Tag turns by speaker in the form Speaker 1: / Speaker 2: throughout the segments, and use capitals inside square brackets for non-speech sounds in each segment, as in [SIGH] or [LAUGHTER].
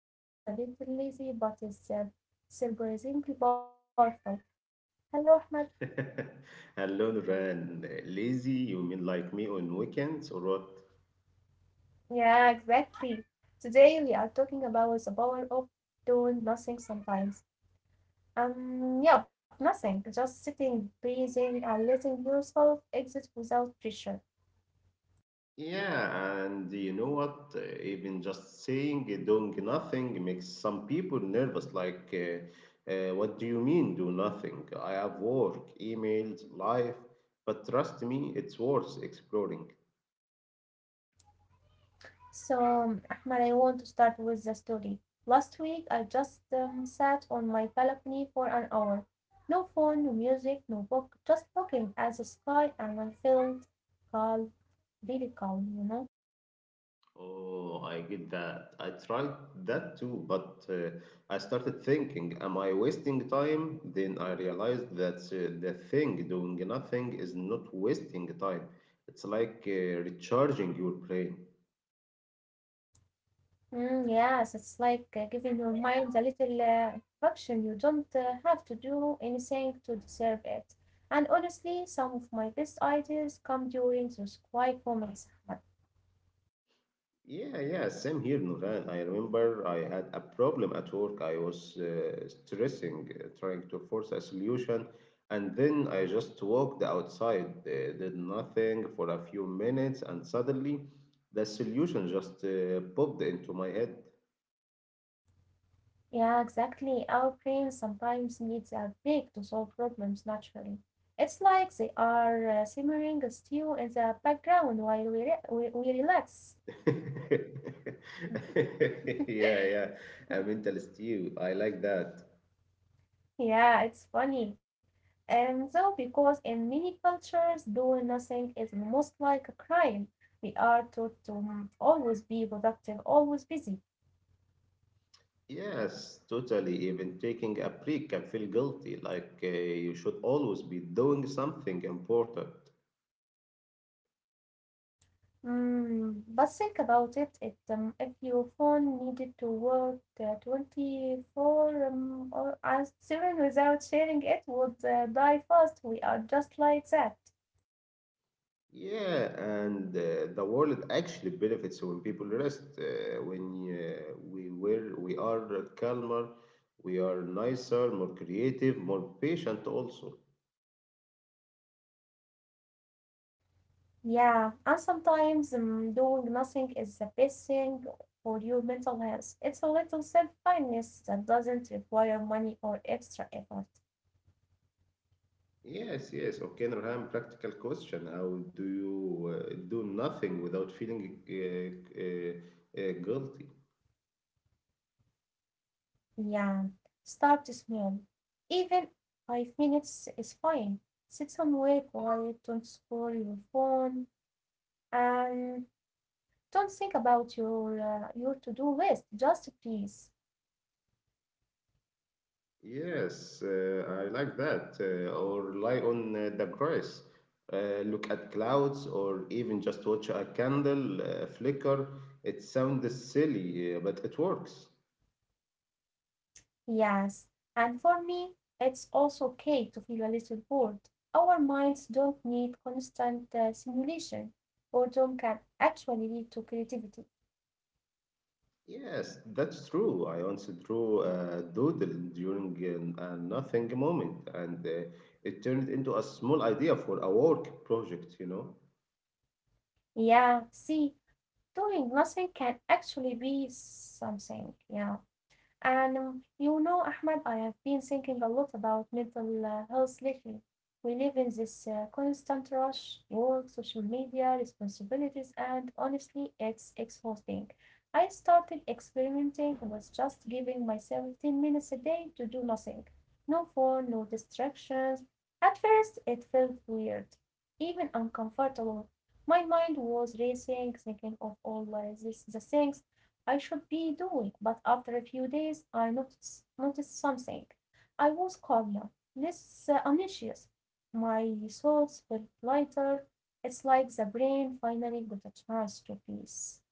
Speaker 1: that actually feels a little lazy but is surprisingly powerful. Hello Ahmed.
Speaker 2: [LAUGHS] Hello, Nuran. Lazy, you mean like me on weekends or what?
Speaker 1: Yeah, exactly. Today we are talking about the power of doing nothing sometimes. Yep, nothing, just sitting, breathing and letting yourself exist without pressure.
Speaker 2: Yeah, and you know what? Even just saying doing nothing makes some people nervous. Like, what do you mean do nothing? I have work, emails, life, but trust me, it's worth exploring.
Speaker 1: So, Ahmed, I want to start with the story. Last week, I just sat on my balcony for an hour. No phone, no music, no book, just looking at the sky, and I felt calm, really calm, you know?
Speaker 2: Oh, I get that. I tried that too, but I started thinking, am I wasting time? Then I realized that the thing doing nothing is not wasting time. It's like recharging your brain.
Speaker 1: Mm, yes, it's like giving your mind a little function. You don't have to do anything to deserve it. And honestly, some of my best ideas come during those quiet moments, Ahmed.
Speaker 2: Yeah, yeah, same here, Nuran. I remember I had a problem at work. I was stressing, trying to force a solution, and then I just walked outside, did nothing for a few minutes, and suddenly the solution just popped into my head.
Speaker 1: Yeah, exactly. Our brains sometimes needs a break to solve problems naturally. It's like they are simmering still in the background while we relax.
Speaker 2: [LAUGHS] Yeah, yeah, a mental stew. I like that.
Speaker 1: Yeah, it's funny. And though, because in many cultures, doing nothing is almost like a crime, we are taught to always be productive, always busy.
Speaker 2: Yes, totally. Even taking a break can feel guilty, like you should always be doing something important.
Speaker 1: Mm, but think about it, if your phone needed to work 24 or as seven without sharing it would die fast. We are just like that.
Speaker 2: Yeah, and the world actually benefits when people rest. When we are calmer, we are nicer, more creative, more patient also.
Speaker 1: Yeah, and sometimes doing nothing is the best thing for your mental health. It's a little self-kindness that doesn't require money or extra effort.
Speaker 2: Yes, yes. Okay, Nurhan, practical question. How do you do nothing without feeling guilty?
Speaker 1: Yeah, start small. Even 5 minutes is fine. Sit somewhere quiet, don't scroll your phone, and don't think about your to-do list, just please.
Speaker 2: Yes, I like that. Or lie on the grass, look at clouds, or even just watch a candle flicker. It sounds silly, but it works.
Speaker 1: Yes. And for me, it's also okay to feel a little bored. Our minds don't need constant stimulation. Boredom can actually lead to creativity.
Speaker 2: Yes, that's true. I once drew a doodle during a nothing moment, and it turned into a small idea for a work project, you know.
Speaker 1: Yeah, see, doing nothing can actually be something. Yeah. And you know, Ahmed, I have been thinking a lot about mental health lately. We live in this constant rush, work, social media, responsibilities, and honestly, it's exhausting. I started experimenting with just giving myself 10 minutes a day to do nothing. No phone, no distractions. At first, it felt weird, even uncomfortable. My mind was racing, thinking of all these the things I should be doing, but after a few days I noticed something. I was calmer, less anxious, my thoughts were lighter. It's like the brain finally got a chance to peace.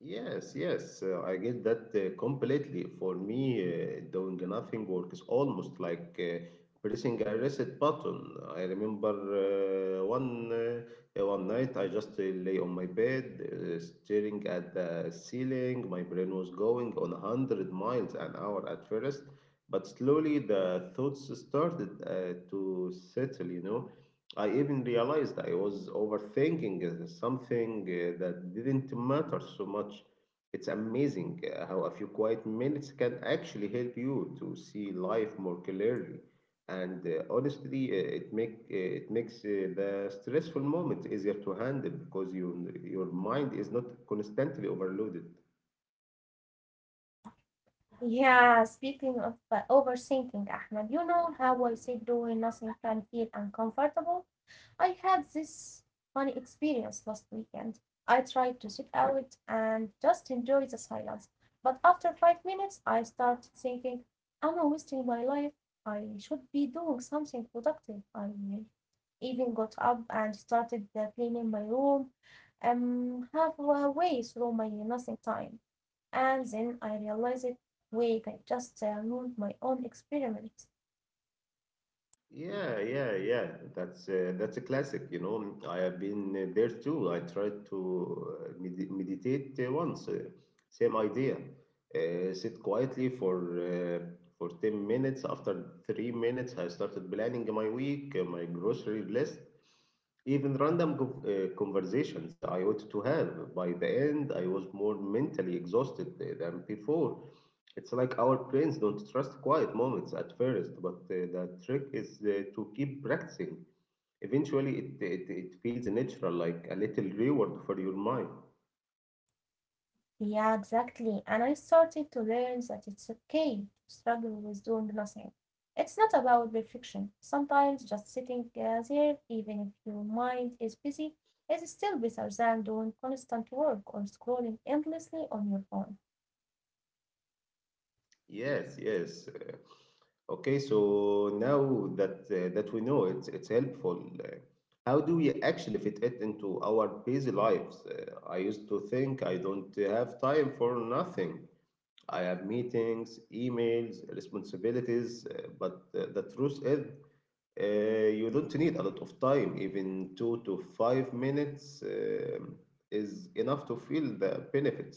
Speaker 2: Yes, yes, I get that completely. For me, doing nothing works almost like pressing a reset button. I remember one night I just lay on my bed, staring at the ceiling. My brain was going on 100 miles an hour at first, but slowly the thoughts started to settle. You know, I even realized I was overthinking something that didn't matter so much. It's amazing how a few quiet minutes can actually help you to see life more clearly. And honestly, it makes the stressful moment easier to handle because your mind is not constantly overloaded.
Speaker 1: Yeah, speaking of overthinking, Ahmed, you know how I said doing nothing can feel uncomfortable? I had this funny experience last weekend. I tried to sit out and just enjoy the silence, but after 5 minutes, I started thinking, I'm wasting my life. I should be doing something productive. I even got up and started cleaning my room, halfway through my nothing time. And then I realized, wait, I just ruined my own experiment.
Speaker 2: Yeah, yeah, yeah. That's a classic. You know, I have been there too. I tried to meditate once. Same idea. Sit quietly for 10 minutes. After 3 minutes, I started planning my week, my grocery list, even random conversations I ought to have. By the end, I was more mentally exhausted than before. It's like our brains don't trust quiet moments at first, but the trick is to keep practicing. Eventually, it feels natural, like a little reward for your mind.
Speaker 1: Yeah, exactly. And I started to learn that it's okay to struggle with doing nothing. It's not about perfection. Sometimes just sitting there, even if your mind is busy, is still better than doing constant work or scrolling endlessly on your phone.
Speaker 2: Yes, yes. Okay, so now that we know it's helpful, how do we actually fit it into our busy lives? I used to think I don't have time for nothing. I have meetings, emails, responsibilities, but the truth is you don't need a lot of time, even 2 to 5 minutes is enough to feel the benefits.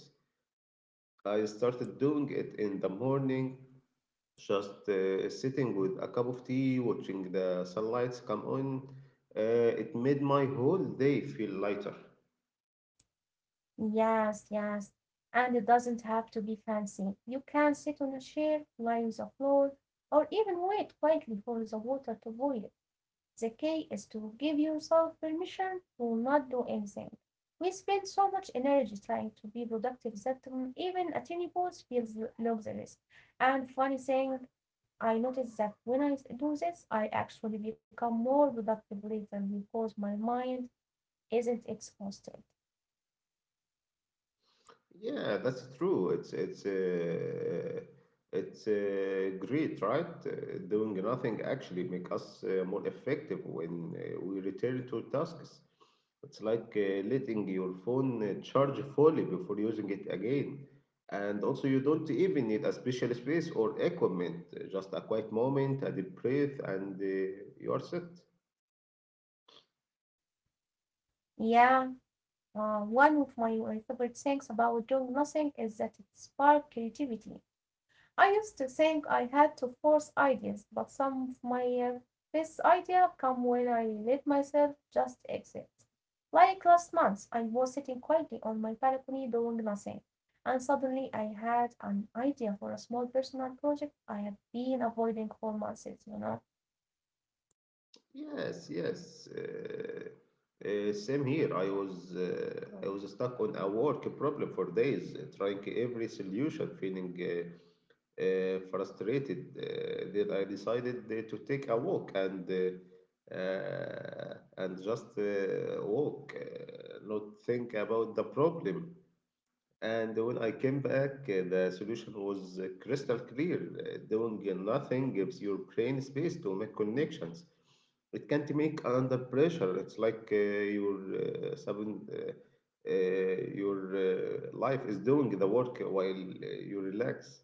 Speaker 2: I started doing it in the morning, just sitting with a cup of tea, watching the sunlight come on. It made my whole day feel lighter.
Speaker 1: Yes, yes. And it doesn't have to be fancy. You can sit on a chair, lie on the floor, or even wait quietly for the water to boil. The key is to give yourself permission to not do anything. We spend so much energy trying to be productive that even a tiny pause feels luxurious. And funny thing, I noticed that when I do this, I actually become more productive later because my mind isn't exhausted.
Speaker 2: Yeah, that's true. It's great, right? Doing nothing actually make us more effective when we return to tasks. It's like letting your phone charge fully before using it again. And also, you don't even need a special space or equipment. Just a quiet moment, a deep breath, and you are set.
Speaker 1: Yeah, one of my favorite things about doing nothing is that it sparks creativity. I used to think I had to force ideas, but some of my best ideas come when I let myself just exist. Like last month, I was sitting quietly on my balcony doing nothing, and suddenly I had an idea for a small personal project I have been avoiding for months, you know.
Speaker 2: Yes, yes. Same here. I was stuck on a work problem for days, trying every solution, feeling frustrated. Then I decided to take a walk and and just walk, not think about the problem. And when I came back, the solution was crystal clear. Doing nothing gives your brain space to make connections. It can't make under pressure. It's like your sudden, your life is doing the work while you relax.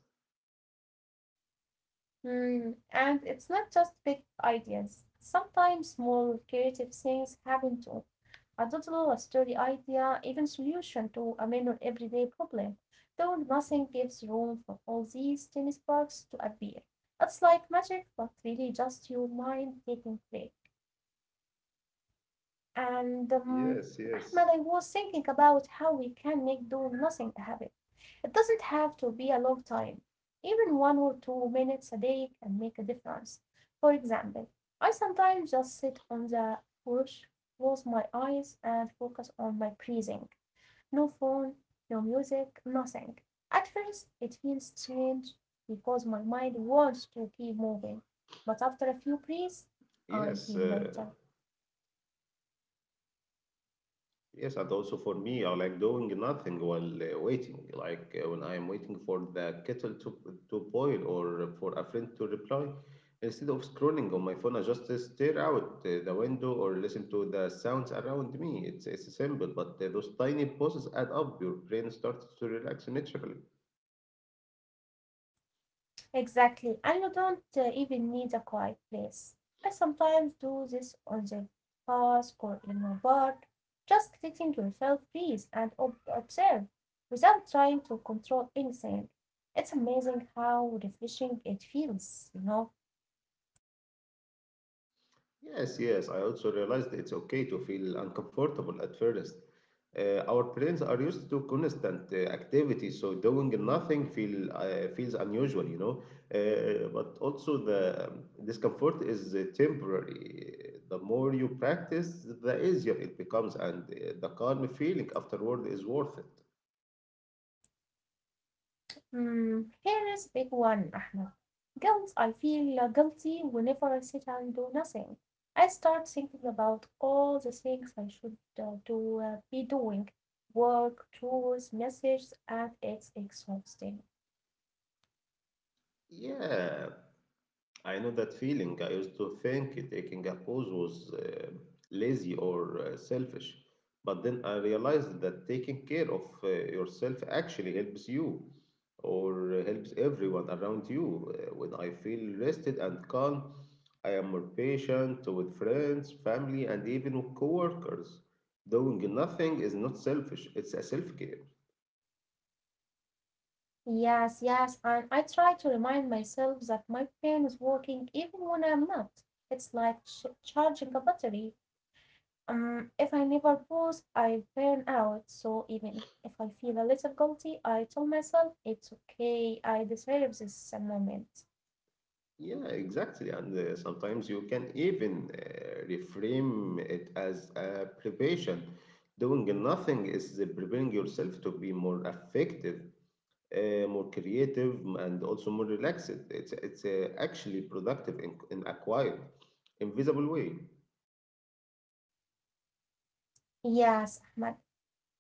Speaker 1: Mm, and it's not just big ideas. Sometimes small creative things happen to a total story idea, even solution to a minor everyday problem, though nothing gives room for all these tiny sparks to appear. It's like magic, but really just your mind taking flick. And
Speaker 2: Yes,
Speaker 1: Ahmed, I
Speaker 2: yes,
Speaker 1: was thinking about how we can make do nothing a habit. It doesn't have to be a long time. Even 1 or 2 minutes a day can make a difference. For example, I sometimes just sit on the couch, close my eyes, and focus on my breathing. No phone, no music, nothing. At first it feels strange because my mind wants to keep moving, but after a few breaths I
Speaker 2: yes.
Speaker 1: feel lighter.
Speaker 2: Yes, and also for me, I like doing nothing while waiting. Like when I am waiting for the kettle to boil or for a friend to reply, instead of scrolling on my phone, I just stare out the window or listen to the sounds around me. It's simple, but those tiny pauses add up. Your brain starts to relax naturally.
Speaker 1: Exactly, and you don't even need a quiet place. I sometimes do this on the bus or in a bar, just letting yourself breathe and observe without trying to control anything. It's amazing how refreshing it feels, you know.
Speaker 2: Yes, yes. I also realized it's okay to feel uncomfortable at first. Our brains are used to constant activity, so doing nothing feels unusual, you know. But also the discomfort is temporary. The more you practice, the easier it becomes, and the calm feeling afterward is worth it.
Speaker 1: Hmm. Here is a big one, Ahmed. Guilt. I feel guilty whenever I sit and do nothing. I start thinking about all the things I should be doing: work, chores, messages, and it's exhausting.
Speaker 2: Yeah. I know that feeling. I used to think taking a pause was lazy or selfish, but then I realized that taking care of yourself actually helps you or helps everyone around you. When I feel rested and calm, I am more patient with friends, family, and even with coworkers. Doing nothing is not selfish, it's a self care.
Speaker 1: Yes, yes, and I try to remind myself that my brain is working even when I'm not. It's like charging a battery. If I never pause, I burn out. So even if I feel a little guilty, I tell myself it's okay. I deserve this moment.
Speaker 2: Yeah, exactly. And sometimes you can even reframe it as a preparation. Doing nothing is preparing yourself to be more effective, more creative, and also more relaxed. It's actually productive in a quiet, invisible way.
Speaker 1: Yes, Ahmad.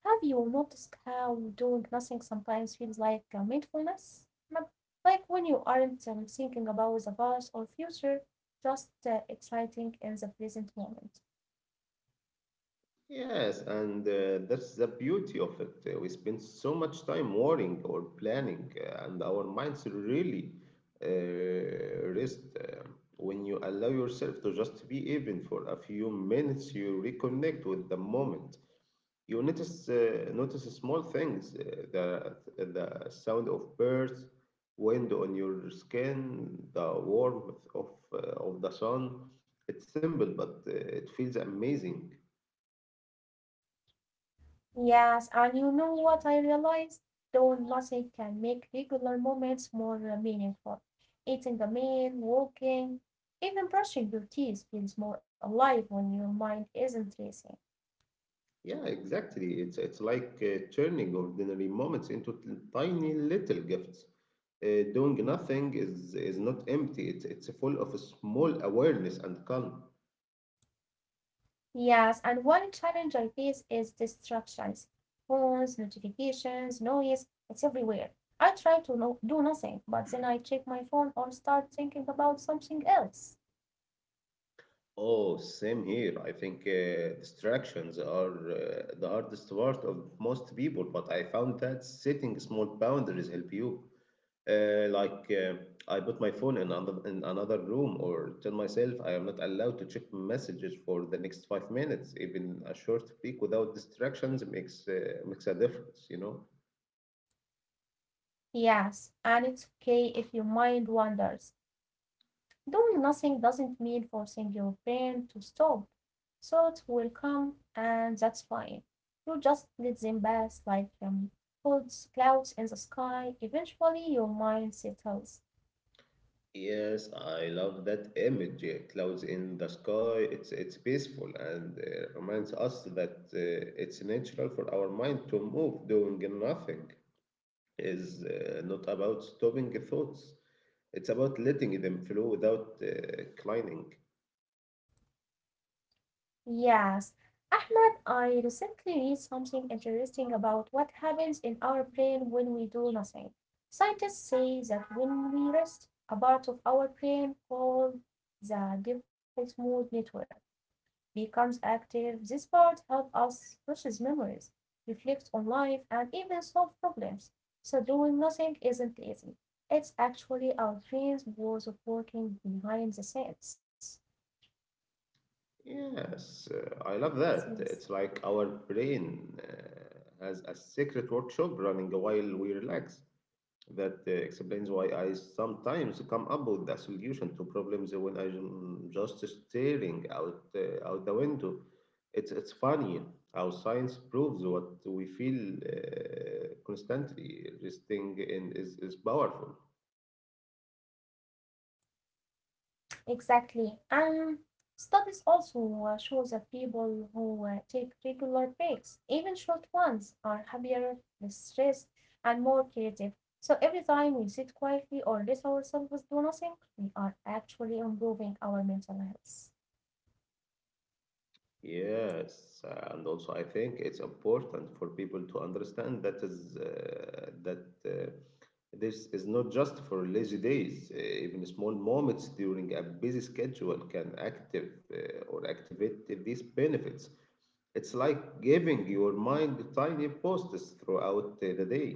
Speaker 1: Have you noticed how doing nothing sometimes feels like mindfulness? Ahmad? Like when you aren't thinking about the past or future, just exciting in the present moment.
Speaker 2: Yes, and that's the beauty of it. We spend so much time worrying or planning, and our minds really rest. When you allow yourself to just be even for a few minutes, you reconnect with the moment. You notice small things, the sound of birds, wind on your skin, the warmth of the sun. It's simple, but it feels amazing.
Speaker 1: Yes, and you know what I realized? Though nothing can make regular moments more meaningful. Eating a meal, walking, even brushing your teeth feels more alive when your mind isn't racing.
Speaker 2: Yeah, exactly. It's like turning ordinary moments into tiny little gifts. Doing nothing is not empty. It's full of a small awareness and calm.
Speaker 1: Yes, and one challenge I face is distractions. Phones, notifications, noise, it's everywhere. I try to do nothing, but then I check my phone or start thinking about something else.
Speaker 2: Oh, same here. I think distractions are the hardest part of most people, but I found that setting small boundaries help you. Like I put my phone in another room or tell myself I am not allowed to check messages for the next 5 minutes. Even a short break without distractions makes a difference, you know.
Speaker 1: Yes, and it's okay if your mind wanders. Doing nothing doesn't mean forcing your brain to stop. Thoughts will come, and that's fine. You just let them pass like clouds in the sky. Eventually, your mind settles.
Speaker 2: Yes, I love that image, yeah. Clouds in the sky. It's peaceful and reminds us that it's natural for our mind to move. Doing nothing is not about stopping thoughts. It's about letting them flow without clinging.
Speaker 1: Yes, Ahmed, I recently read something interesting about what happens in our brain when we do nothing. Scientists say that when we rest, a part of our brain called the default mode network becomes active. This part helps us process memories, reflect on life, and even solve problems. So doing nothing isn't lazy. It's actually our brain's ways of working behind the scenes.
Speaker 2: Yes, I love
Speaker 1: scenes.
Speaker 2: that. It's like our brain has a secret workshop running while we relax. That explains why I sometimes come up with a solution to problems when I'm just staring out the window. It's funny how science proves what we feel constantly. Resting in is powerful.
Speaker 1: Exactly. And studies also show that people who take regular breaks, even short ones, are happier, less stressed, and more creative. So every time we sit quietly or let ourselves do nothing, we are actually improving our mental health.
Speaker 2: Yes, and also I think it's important for people to understand that this is not just for lazy days. Even small moments during a busy schedule can active or activate these benefits. It's like giving your mind tiny posts throughout the day.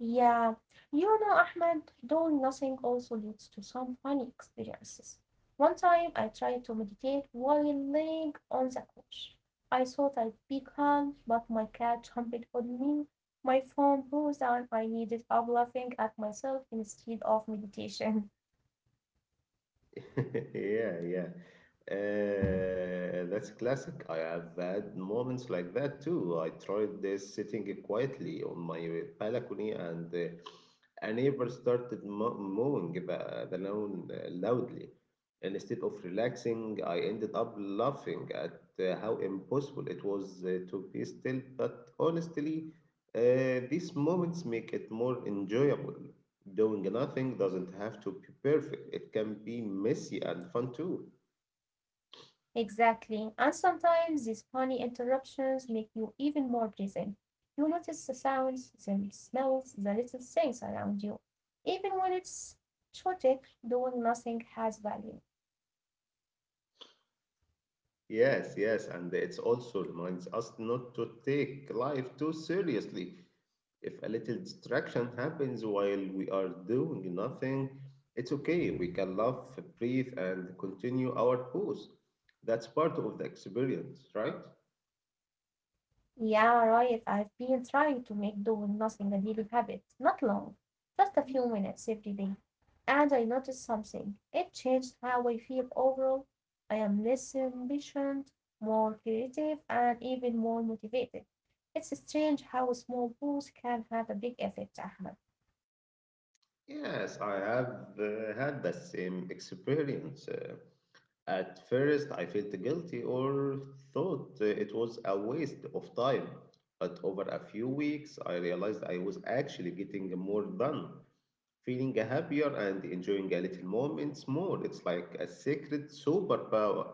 Speaker 1: Yeah, you know, Ahmed, doing nothing also leads to some funny experiences. One time I tried to meditate while laying on the couch. I thought I'd be calm, but my cat jumped on me. My phone buzzed and I needed up laughing at myself instead of meditation. [LAUGHS]
Speaker 2: [LAUGHS] Yeah, yeah. That's classic. I have had moments like that too. I tried sitting quietly on my balcony, and a neighbor started mo mowing the lawn loudly. And instead of relaxing, I ended up laughing at how impossible it was to be still. But honestly, these moments make it more enjoyable. Doing nothing doesn't have to be perfect. It can be messy and fun too.
Speaker 1: Exactly. And sometimes these funny interruptions make you even more present. You notice the sounds, the smells, the little things around you. Even when it's chaotic, doing nothing has value.
Speaker 2: Yes, yes, and it also reminds us not to take life too seriously. If a little distraction happens while we are doing nothing, it's okay. We can laugh, breathe, and continue our pose. That's part of the experience, right?
Speaker 1: Yeah, right. I've been trying to make doing nothing a daily habit. Not long, just a few minutes every day. And I noticed something. It changed how I feel overall. I am less impatient, more creative, and even more motivated. It's strange how small pools can have a big effect, Ahmed.
Speaker 2: Yes, I have had the same experience. At first, I felt guilty or thought it was a waste of time, but over a few weeks, I realized I was actually getting more done, feeling happier and enjoying a little moments more. It's like a secret superpower.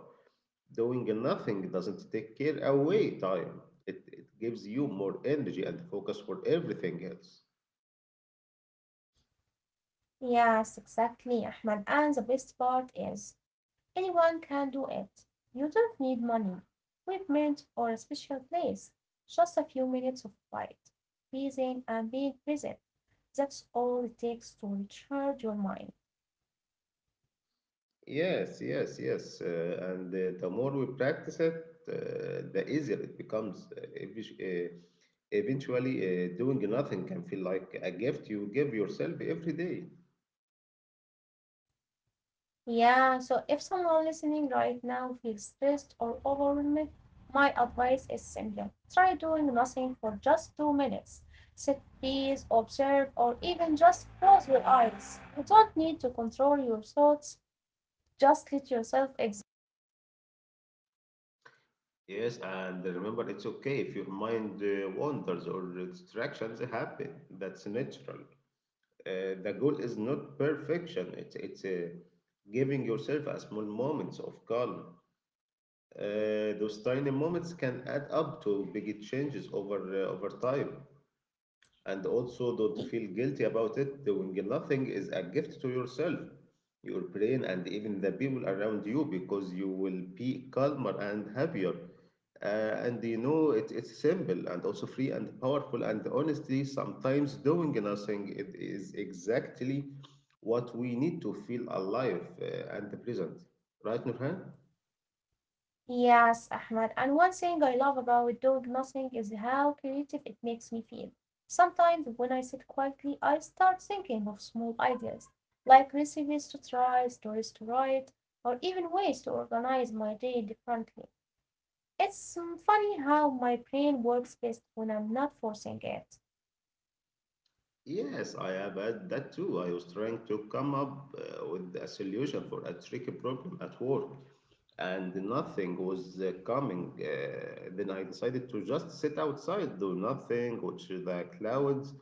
Speaker 2: Doing nothing doesn't take care away time. It gives you more energy and focus for everything else.
Speaker 1: Yes, exactly, Ahmed. And the best part is anyone can do it. You don't need money, equipment, or a special place. Just a few minutes of quiet, breathing, and being present. That's all it takes to recharge your mind.
Speaker 2: Yes, yes, yes. And the more we practice it, the easier it becomes. Uh, eventually, doing nothing can feel like a gift you give yourself every day.
Speaker 1: Yeah, so if someone listening right now feels stressed or overwhelmed, my advice is simple. Try doing nothing for just 2 minutes. Sit, breathe, observe, or even just close your eyes. You don't need to control your thoughts, just let yourself exist.
Speaker 2: Yes, and remember, it's okay if your mind wanders or distractions happen. That's natural. The goal is not perfection. It's giving yourself a small moments of calm. Those tiny moments can add up to big changes over time. And also, don't feel guilty about it. Doing nothing is a gift to yourself, your brain, and even the people around you because you will be calmer and happier. And you know, it, It's simple and also free and powerful. And honestly, sometimes doing nothing it is exactly what we need to feel alive and present. Right, Nurhan?
Speaker 1: Yes, Ahmad. And one thing I love about doing nothing is how creative it makes me feel. Sometimes when I sit quietly, I start thinking of small ideas, like recipes to try, stories to write, or even ways to organize my day differently. It's funny how my brain works best when I'm not forcing it.
Speaker 2: Yes, I have had that too. I was trying to come up with a solution for a tricky problem at work, and nothing was coming. Then I decided to just sit outside, do nothing, watch the clouds,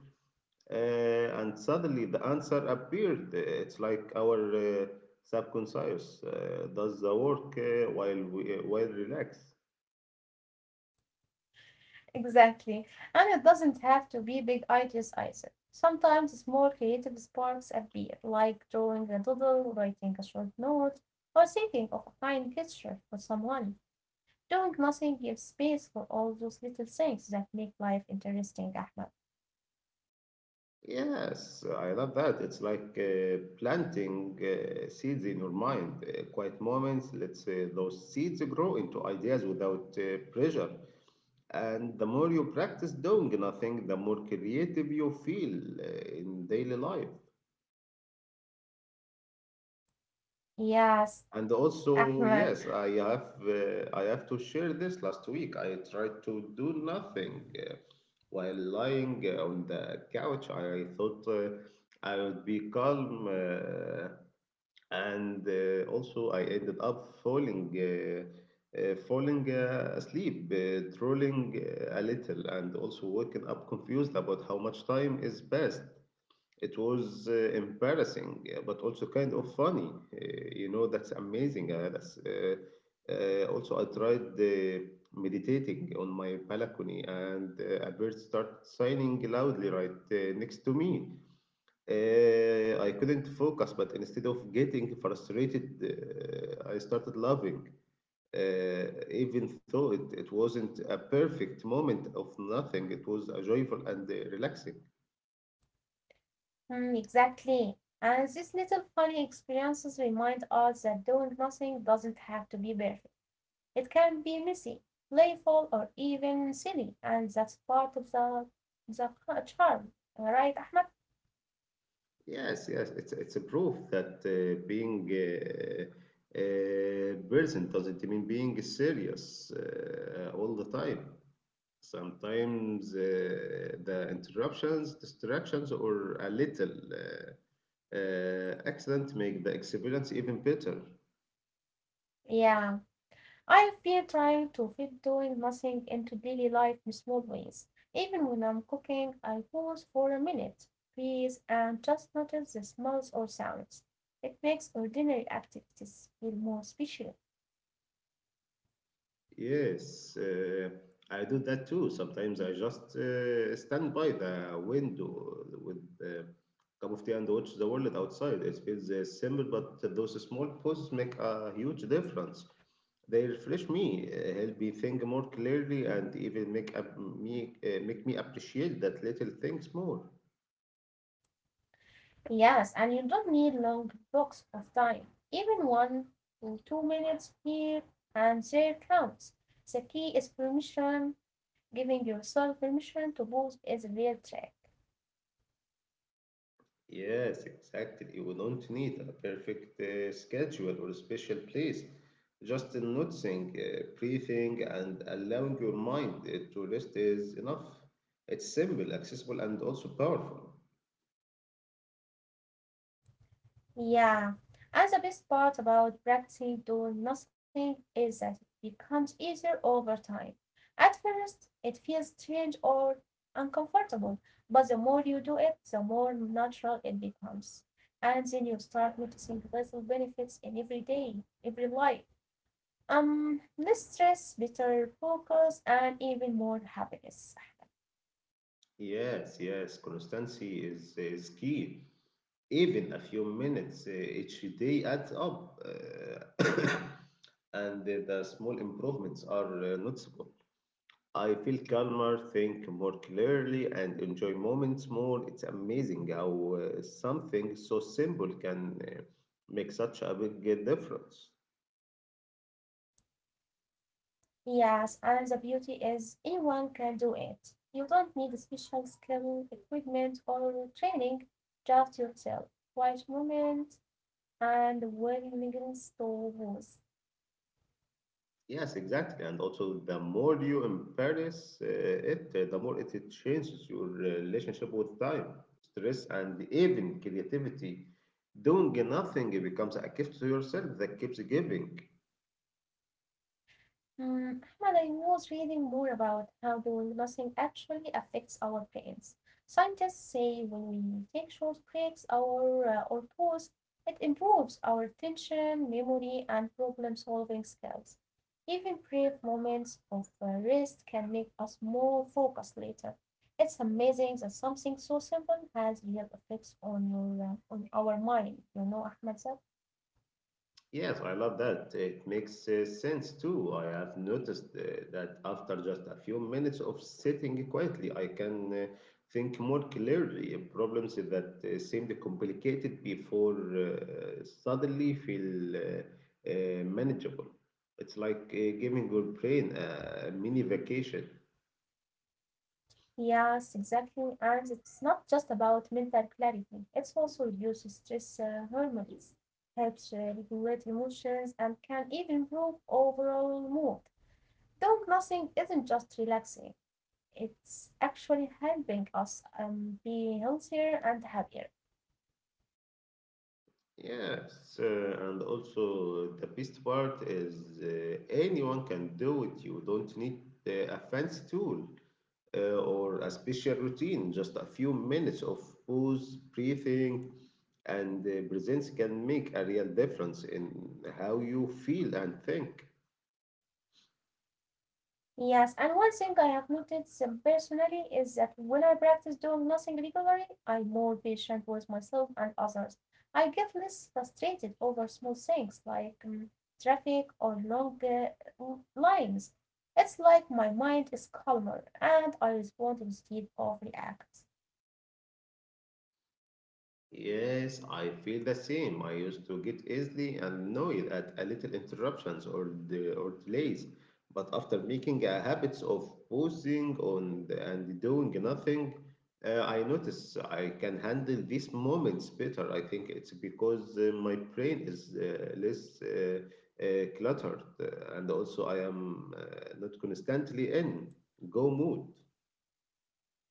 Speaker 2: uh, and suddenly the answer appeared. It's like our subconscious does the work while we while relaxed.
Speaker 1: Exactly. And it doesn't have to be big ideas either. Sometimes small creative sparks appear, like drawing a doodle, writing a short note, or thinking of a kind gesture for someone. Doing nothing gives space for all those little things that make life interesting, Ahmed.
Speaker 2: Yes, I love that. It's like planting seeds in your mind. Quiet moments us say those seeds grow into ideas without pressure. And the more you practice doing nothing, the more creative you feel in daily life.
Speaker 1: Yes,
Speaker 2: And also,
Speaker 1: Ahmed.
Speaker 2: yes, I have to share this. Last week, I tried to do nothing. While lying on the couch, I thought I would be calm. And also I ended up falling asleep, trolling a little, and also waking up confused about how much time is passed. It was embarrassing, but also kind of funny. You know, that's amazing. That's Also I tried meditating on my balcony and a bird started singing loudly right next to me. I couldn't focus, but instead of getting frustrated, I started laughing. Uh, Even though it wasn't a perfect moment of nothing, it was a joyful and relaxing.
Speaker 1: Mm, exactly. And these little funny experiences remind us that doing nothing doesn't have to be perfect. It can be messy, playful, or even silly, and that's part of the charm. Right, Ahmed?
Speaker 2: Yes, yes, it's a proof that being present doesn't mean being serious all the time. Sometimes the interruptions, distractions, or a little. Excellent make the experience even better.
Speaker 1: Yeah. I've been trying to fit doing nothing into daily life in small ways. Even when I'm cooking, I pause for a minute, please, and just notice the smells or sounds. It makes ordinary activities feel more special.
Speaker 2: Yes, I do that too. Sometimes I just stand by the window with a cup of tea and watch the world outside. It feels simple, but those small pauses make a huge difference. They refresh me, help me think more clearly, and even make me appreciate that little things more.
Speaker 1: Yes, and you don't need long blocks of time. Even 1 or 2 minutes here and there counts. The key is permission. Giving yourself permission to pause is a real trick.
Speaker 2: Yes, exactly. We don't need a perfect schedule or special place. Just noticing, breathing, and allowing your mind to rest is enough. It's simple, accessible, and also powerful.
Speaker 1: Yeah, and the best part about practicing doing nothing is that it becomes easier over time. At first, it feels strange or uncomfortable, but the more you do it, the more natural it becomes. And then you start noticing little benefits in every day, every life. Less stress, better focus, and even more happiness.
Speaker 2: Yes, yes, constancy is key. Even a few minutes each day adds up, [COUGHS] and the small improvements are noticeable. I feel calmer, think more clearly, and enjoy moments more. It's amazing how something so simple can make such a big difference.
Speaker 1: Yes, and the beauty is anyone can do it. You don't need special skill, equipment, or training, just yourself, quiet moment, and willingness to lose.
Speaker 2: Yes, exactly. And also, the more you embrace it, the more it changes your relationship with time, stress, and even creativity. Doing nothing becomes a gift to yourself that keeps giving.
Speaker 1: Mm, Ahmad, I was reading more about how doing nothing actually affects our brains. Scientists say when we take short breaks or pause, it improves our attention, memory, and problem solving skills. Even brief moments of rest can make us more focused later. It's amazing that something so simple has real effects on your on our mind. You know, Ahmed said.
Speaker 2: Yes, I love that. It makes sense too. I have noticed that after just a few minutes of sitting quietly, I can think more clearly. Problems that seemed complicated before suddenly feel manageable. It's like giving your brain a mini vacation.
Speaker 1: Yes, exactly. And it's not just about mental clarity. It also reduces stress hormones, helps regulate emotions, and can even improve overall mood. Doing nothing isn't just relaxing. It's actually helping us be healthier and happier.
Speaker 2: Yes, and also the best part is anyone can do it. You don't need a fancy tool or a special routine. Just a few minutes of pause, breathing, and presence can make a real difference in how you feel and think.
Speaker 1: Yes, and one thing I have noticed personally is that when I practice doing nothing regularly, I'm more patient with myself and others. I get less frustrated over small things like traffic or long lines. It's like my mind is calmer and I respond instead of react.
Speaker 2: Yes, I feel the same. I used to get easily annoyed at a little interruptions or delays, but after making a habit of pausing on the, and doing nothing, I notice I can handle these moments better. I think it's because my brain is less cluttered, and also I am not constantly in go mood.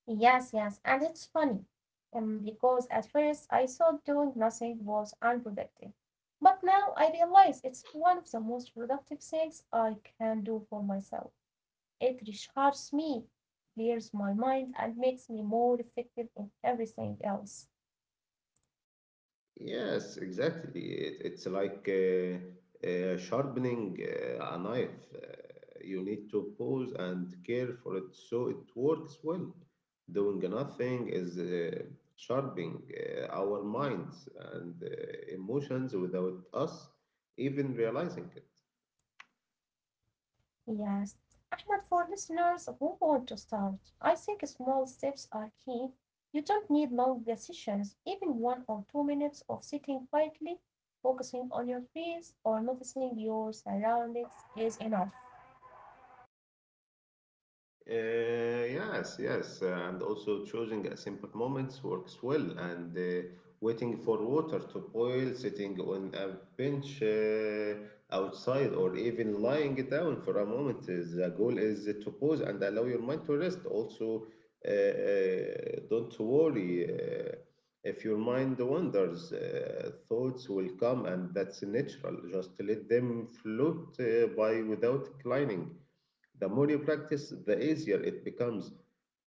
Speaker 1: Yes, yes, and it's funny, because at first I thought doing nothing was unproductive, but now I realize it's one of the most productive things I can do for myself. It recharges me, clears my mind, and makes me more effective in everything else.
Speaker 2: Yes, exactly. It's like sharpening a knife. You need to pause and care for it so it works well. Doing nothing is sharpening our minds and emotions without us even realizing it.
Speaker 1: Yes, Ahmed, for listeners who want to start, I think small steps are key. You don't need long decisions, even 1 or 2 minutes of sitting quietly, focusing on your breath or noticing your surroundings is enough.
Speaker 2: Yes, yes, and also choosing a simple moments works well, and waiting for water to boil, sitting on a bench outside, or even lying down for a moment. The goal is to pause and allow your mind to rest. Also, don't worry if your mind wanders, thoughts will come, and that's natural. Just let them float by without climbing the more you practice, the easier it becomes,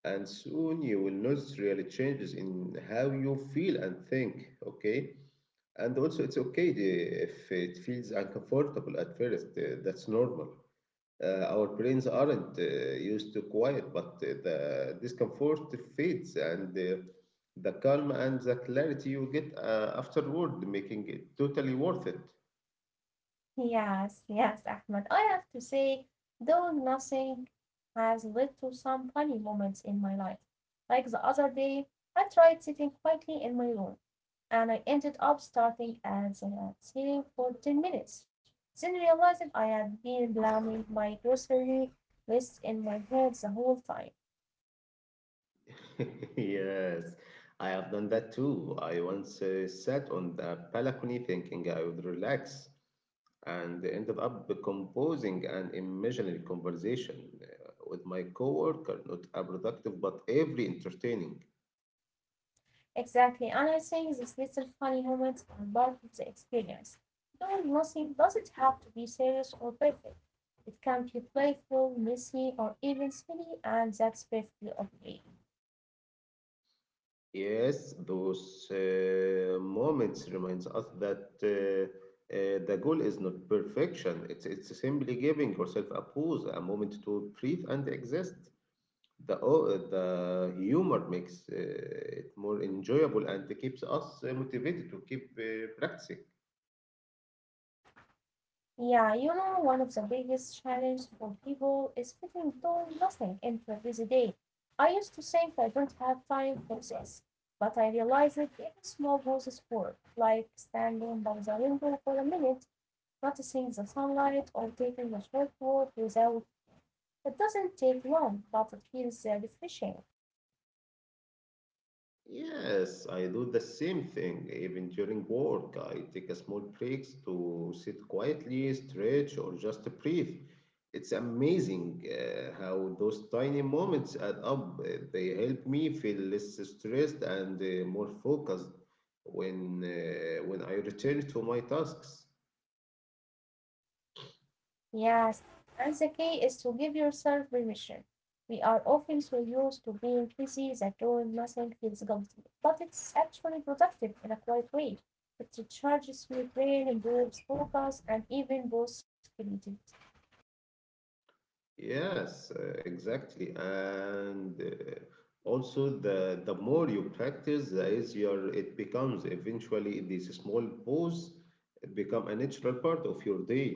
Speaker 2: and soon you will notice real changes in how you feel and think. Okay, and also it's okay if it feels uncomfortable at first. That's normal. Our brains aren't used to quiet, but the discomfort fades, and the calm and the clarity you get afterward, making it totally worth it.
Speaker 1: Yes, yes, Ahmed. I have to say, doing nothing has led to some funny moments in my life. Like the other day, I tried sitting quietly in my room, and I ended up starting at ceiling for 10 minutes. Then realized I had been planning my grocery list in my head the whole time.
Speaker 2: [LAUGHS] Yes, I have done that too. I once sat on the balcony thinking I would relax and ended up composing an imaginary conversation with my coworker, not a productive but every entertaining.
Speaker 1: Exactly, and I think these little funny moments are part of the experience. Doing nothing doesn't have to be serious or perfect. It can be playful, messy, or even silly, and that's perfectly okay.
Speaker 2: Yes, those moments reminds us that the goal is not perfection. It's simply giving yourself a pause, a moment to breathe and exist. The humor makes it more enjoyable and keeps us motivated to keep practicing.
Speaker 1: Yeah, you know, one of the biggest challenges for people is fitting doing nothing into a busy day. I used to think I don't have time for this, but I realized that even small pauses work, like standing by the window for a minute, noticing the sunlight, or taking a short walk without. It doesn't take long, but it feels refreshing.
Speaker 2: Yes, I do the same thing even during work. I take a small breaks to sit quietly, stretch, or just breathe. It's amazing how those tiny moments add up. They help me feel less stressed and more focused when I return to my tasks.
Speaker 1: Yes, and the key is to give yourself permission. We are often so used to being busy that doing nothing feels guilty, but it's actually productive in a quiet way. It recharges your brain, improves focus, and even boosts creativity.
Speaker 2: Yes, exactly. And Also the more you practice, the easier it becomes. Eventually, these small pause become a natural part of your day.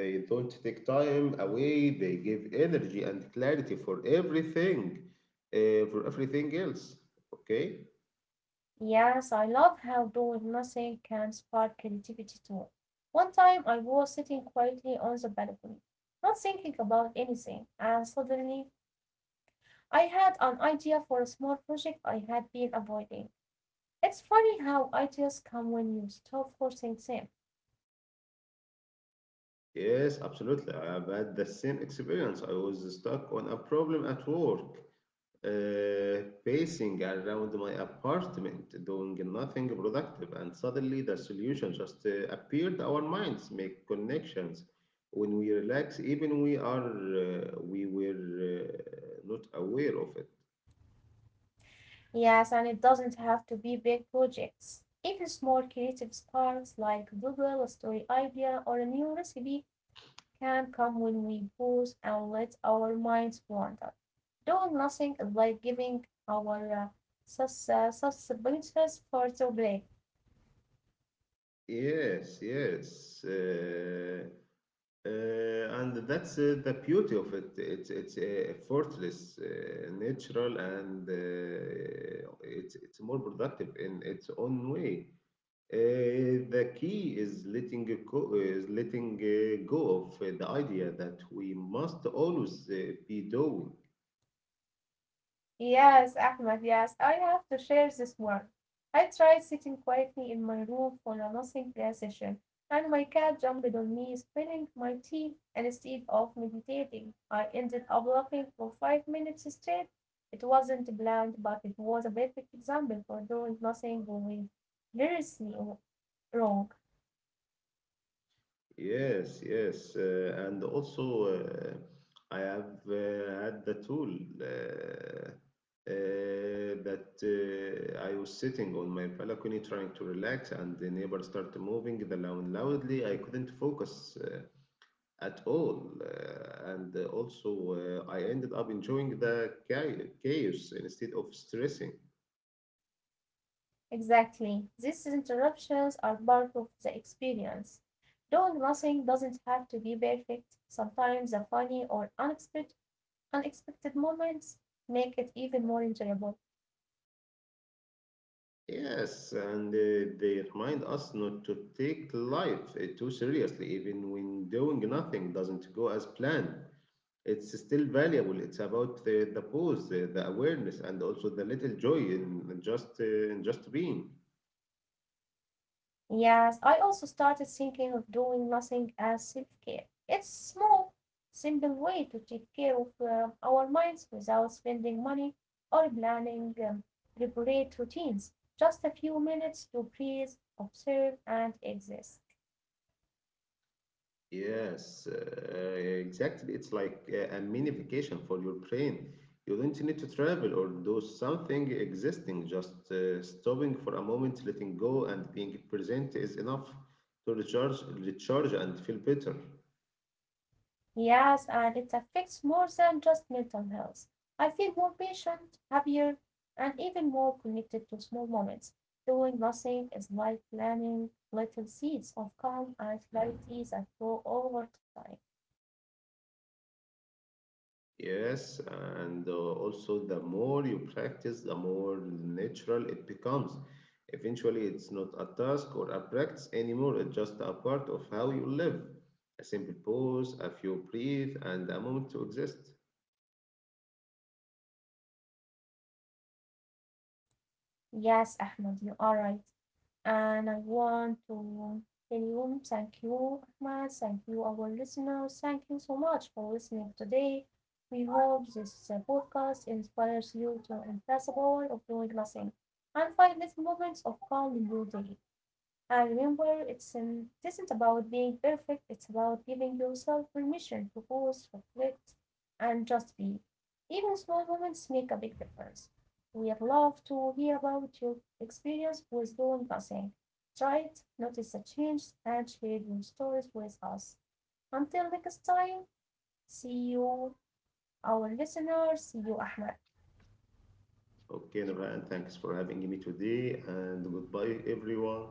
Speaker 2: They don't take time away. They give energy and clarity for everything else. Okay?
Speaker 1: Yes, I love how doing nothing can spark creativity too. One time I was sitting quietly on the balcony, not thinking about anything, and suddenly I had an idea for a small project I had been avoiding. It's funny how ideas come when you stop forcing them.
Speaker 2: Yes, absolutely. I've had the same experience. I was stuck on a problem at work pacing around my apartment, doing nothing productive, and suddenly the solution just appeared. Our minds make connections when we relax, even we were not aware of it.
Speaker 1: Yes, and it doesn't have to be big projects. Even small creative sparks like doodle, a story idea, or a new recipe can come when we pause and let our minds wander. Doing nothing is like giving our suspensions for to play.
Speaker 2: Yes, yes. And that's the beauty of it. It's effortless, natural, and it's more productive in its own way. The key is letting go of the idea that we must always be doing.
Speaker 1: Yes, Ahmed, yes, I have to share this one. I tried sitting quietly in my room for a nothing session, and my cat jumped on me, spilling my tea. And instead of meditating, I ended up laughing for 5 minutes straight. It wasn't bland, but it was a perfect example for doing nothing going seriously wrong.
Speaker 2: Yes, yes, and also I have had the tool uh, that I was sitting on my balcony trying to relax, and the neighbor started moving the lawn loudly. I couldn't focus at all. And Also, I ended up enjoying the chaos instead of stressing.
Speaker 1: Exactly. These interruptions are part of the experience. Doing nothing doesn't have to be perfect. Sometimes a funny or unexpected moments make it even more enjoyable.
Speaker 2: Yes, and they remind us not to take life too seriously, even when doing nothing doesn't go as planned. It's still valuable. It's about the pause, the awareness, and also the little joy in just being.
Speaker 1: Yes, I also started thinking of doing nothing as self care. It's small, simple way to take care of our minds without spending money or planning elaborate routines. Just a few minutes to breathe, observe, and exist.
Speaker 2: Yes, exactly. It's like a mini vacation for your brain. You don't need to travel or do something existing. Just stopping for a moment, letting go, and being present is enough to recharge, and feel better.
Speaker 1: Yes, and it affects more than just mental health. I feel more patient, happier, and even more connected to small moments. Doing nothing is like planting little seeds of calm and clarity that grow over time.
Speaker 2: Yes, and also the more you practice, the more natural it becomes. Eventually, it's not a task or a practice anymore, it's just a part of how you live. A simple pause, a few breathe, and a moment to exist.
Speaker 1: Yes, Ahmed, you are right. And I want to tell you thank you, Ahmad, thank you, our listeners. Thank you so much for listening today. We hope this podcast inspires you to embrace the power of doing nothing and find little moments of calm in your day. And remember, it isn't about being perfect, it's about giving yourself permission to pause, reflect, and just be. Even small moments make a big difference. We'd love to hear about your experience with doing nothing. Try it, notice the change, and share your stories with us. Until next time, see you, our listeners. See you, Ahmed.
Speaker 2: Okay, Nurhan, thanks for having me today, and goodbye, everyone.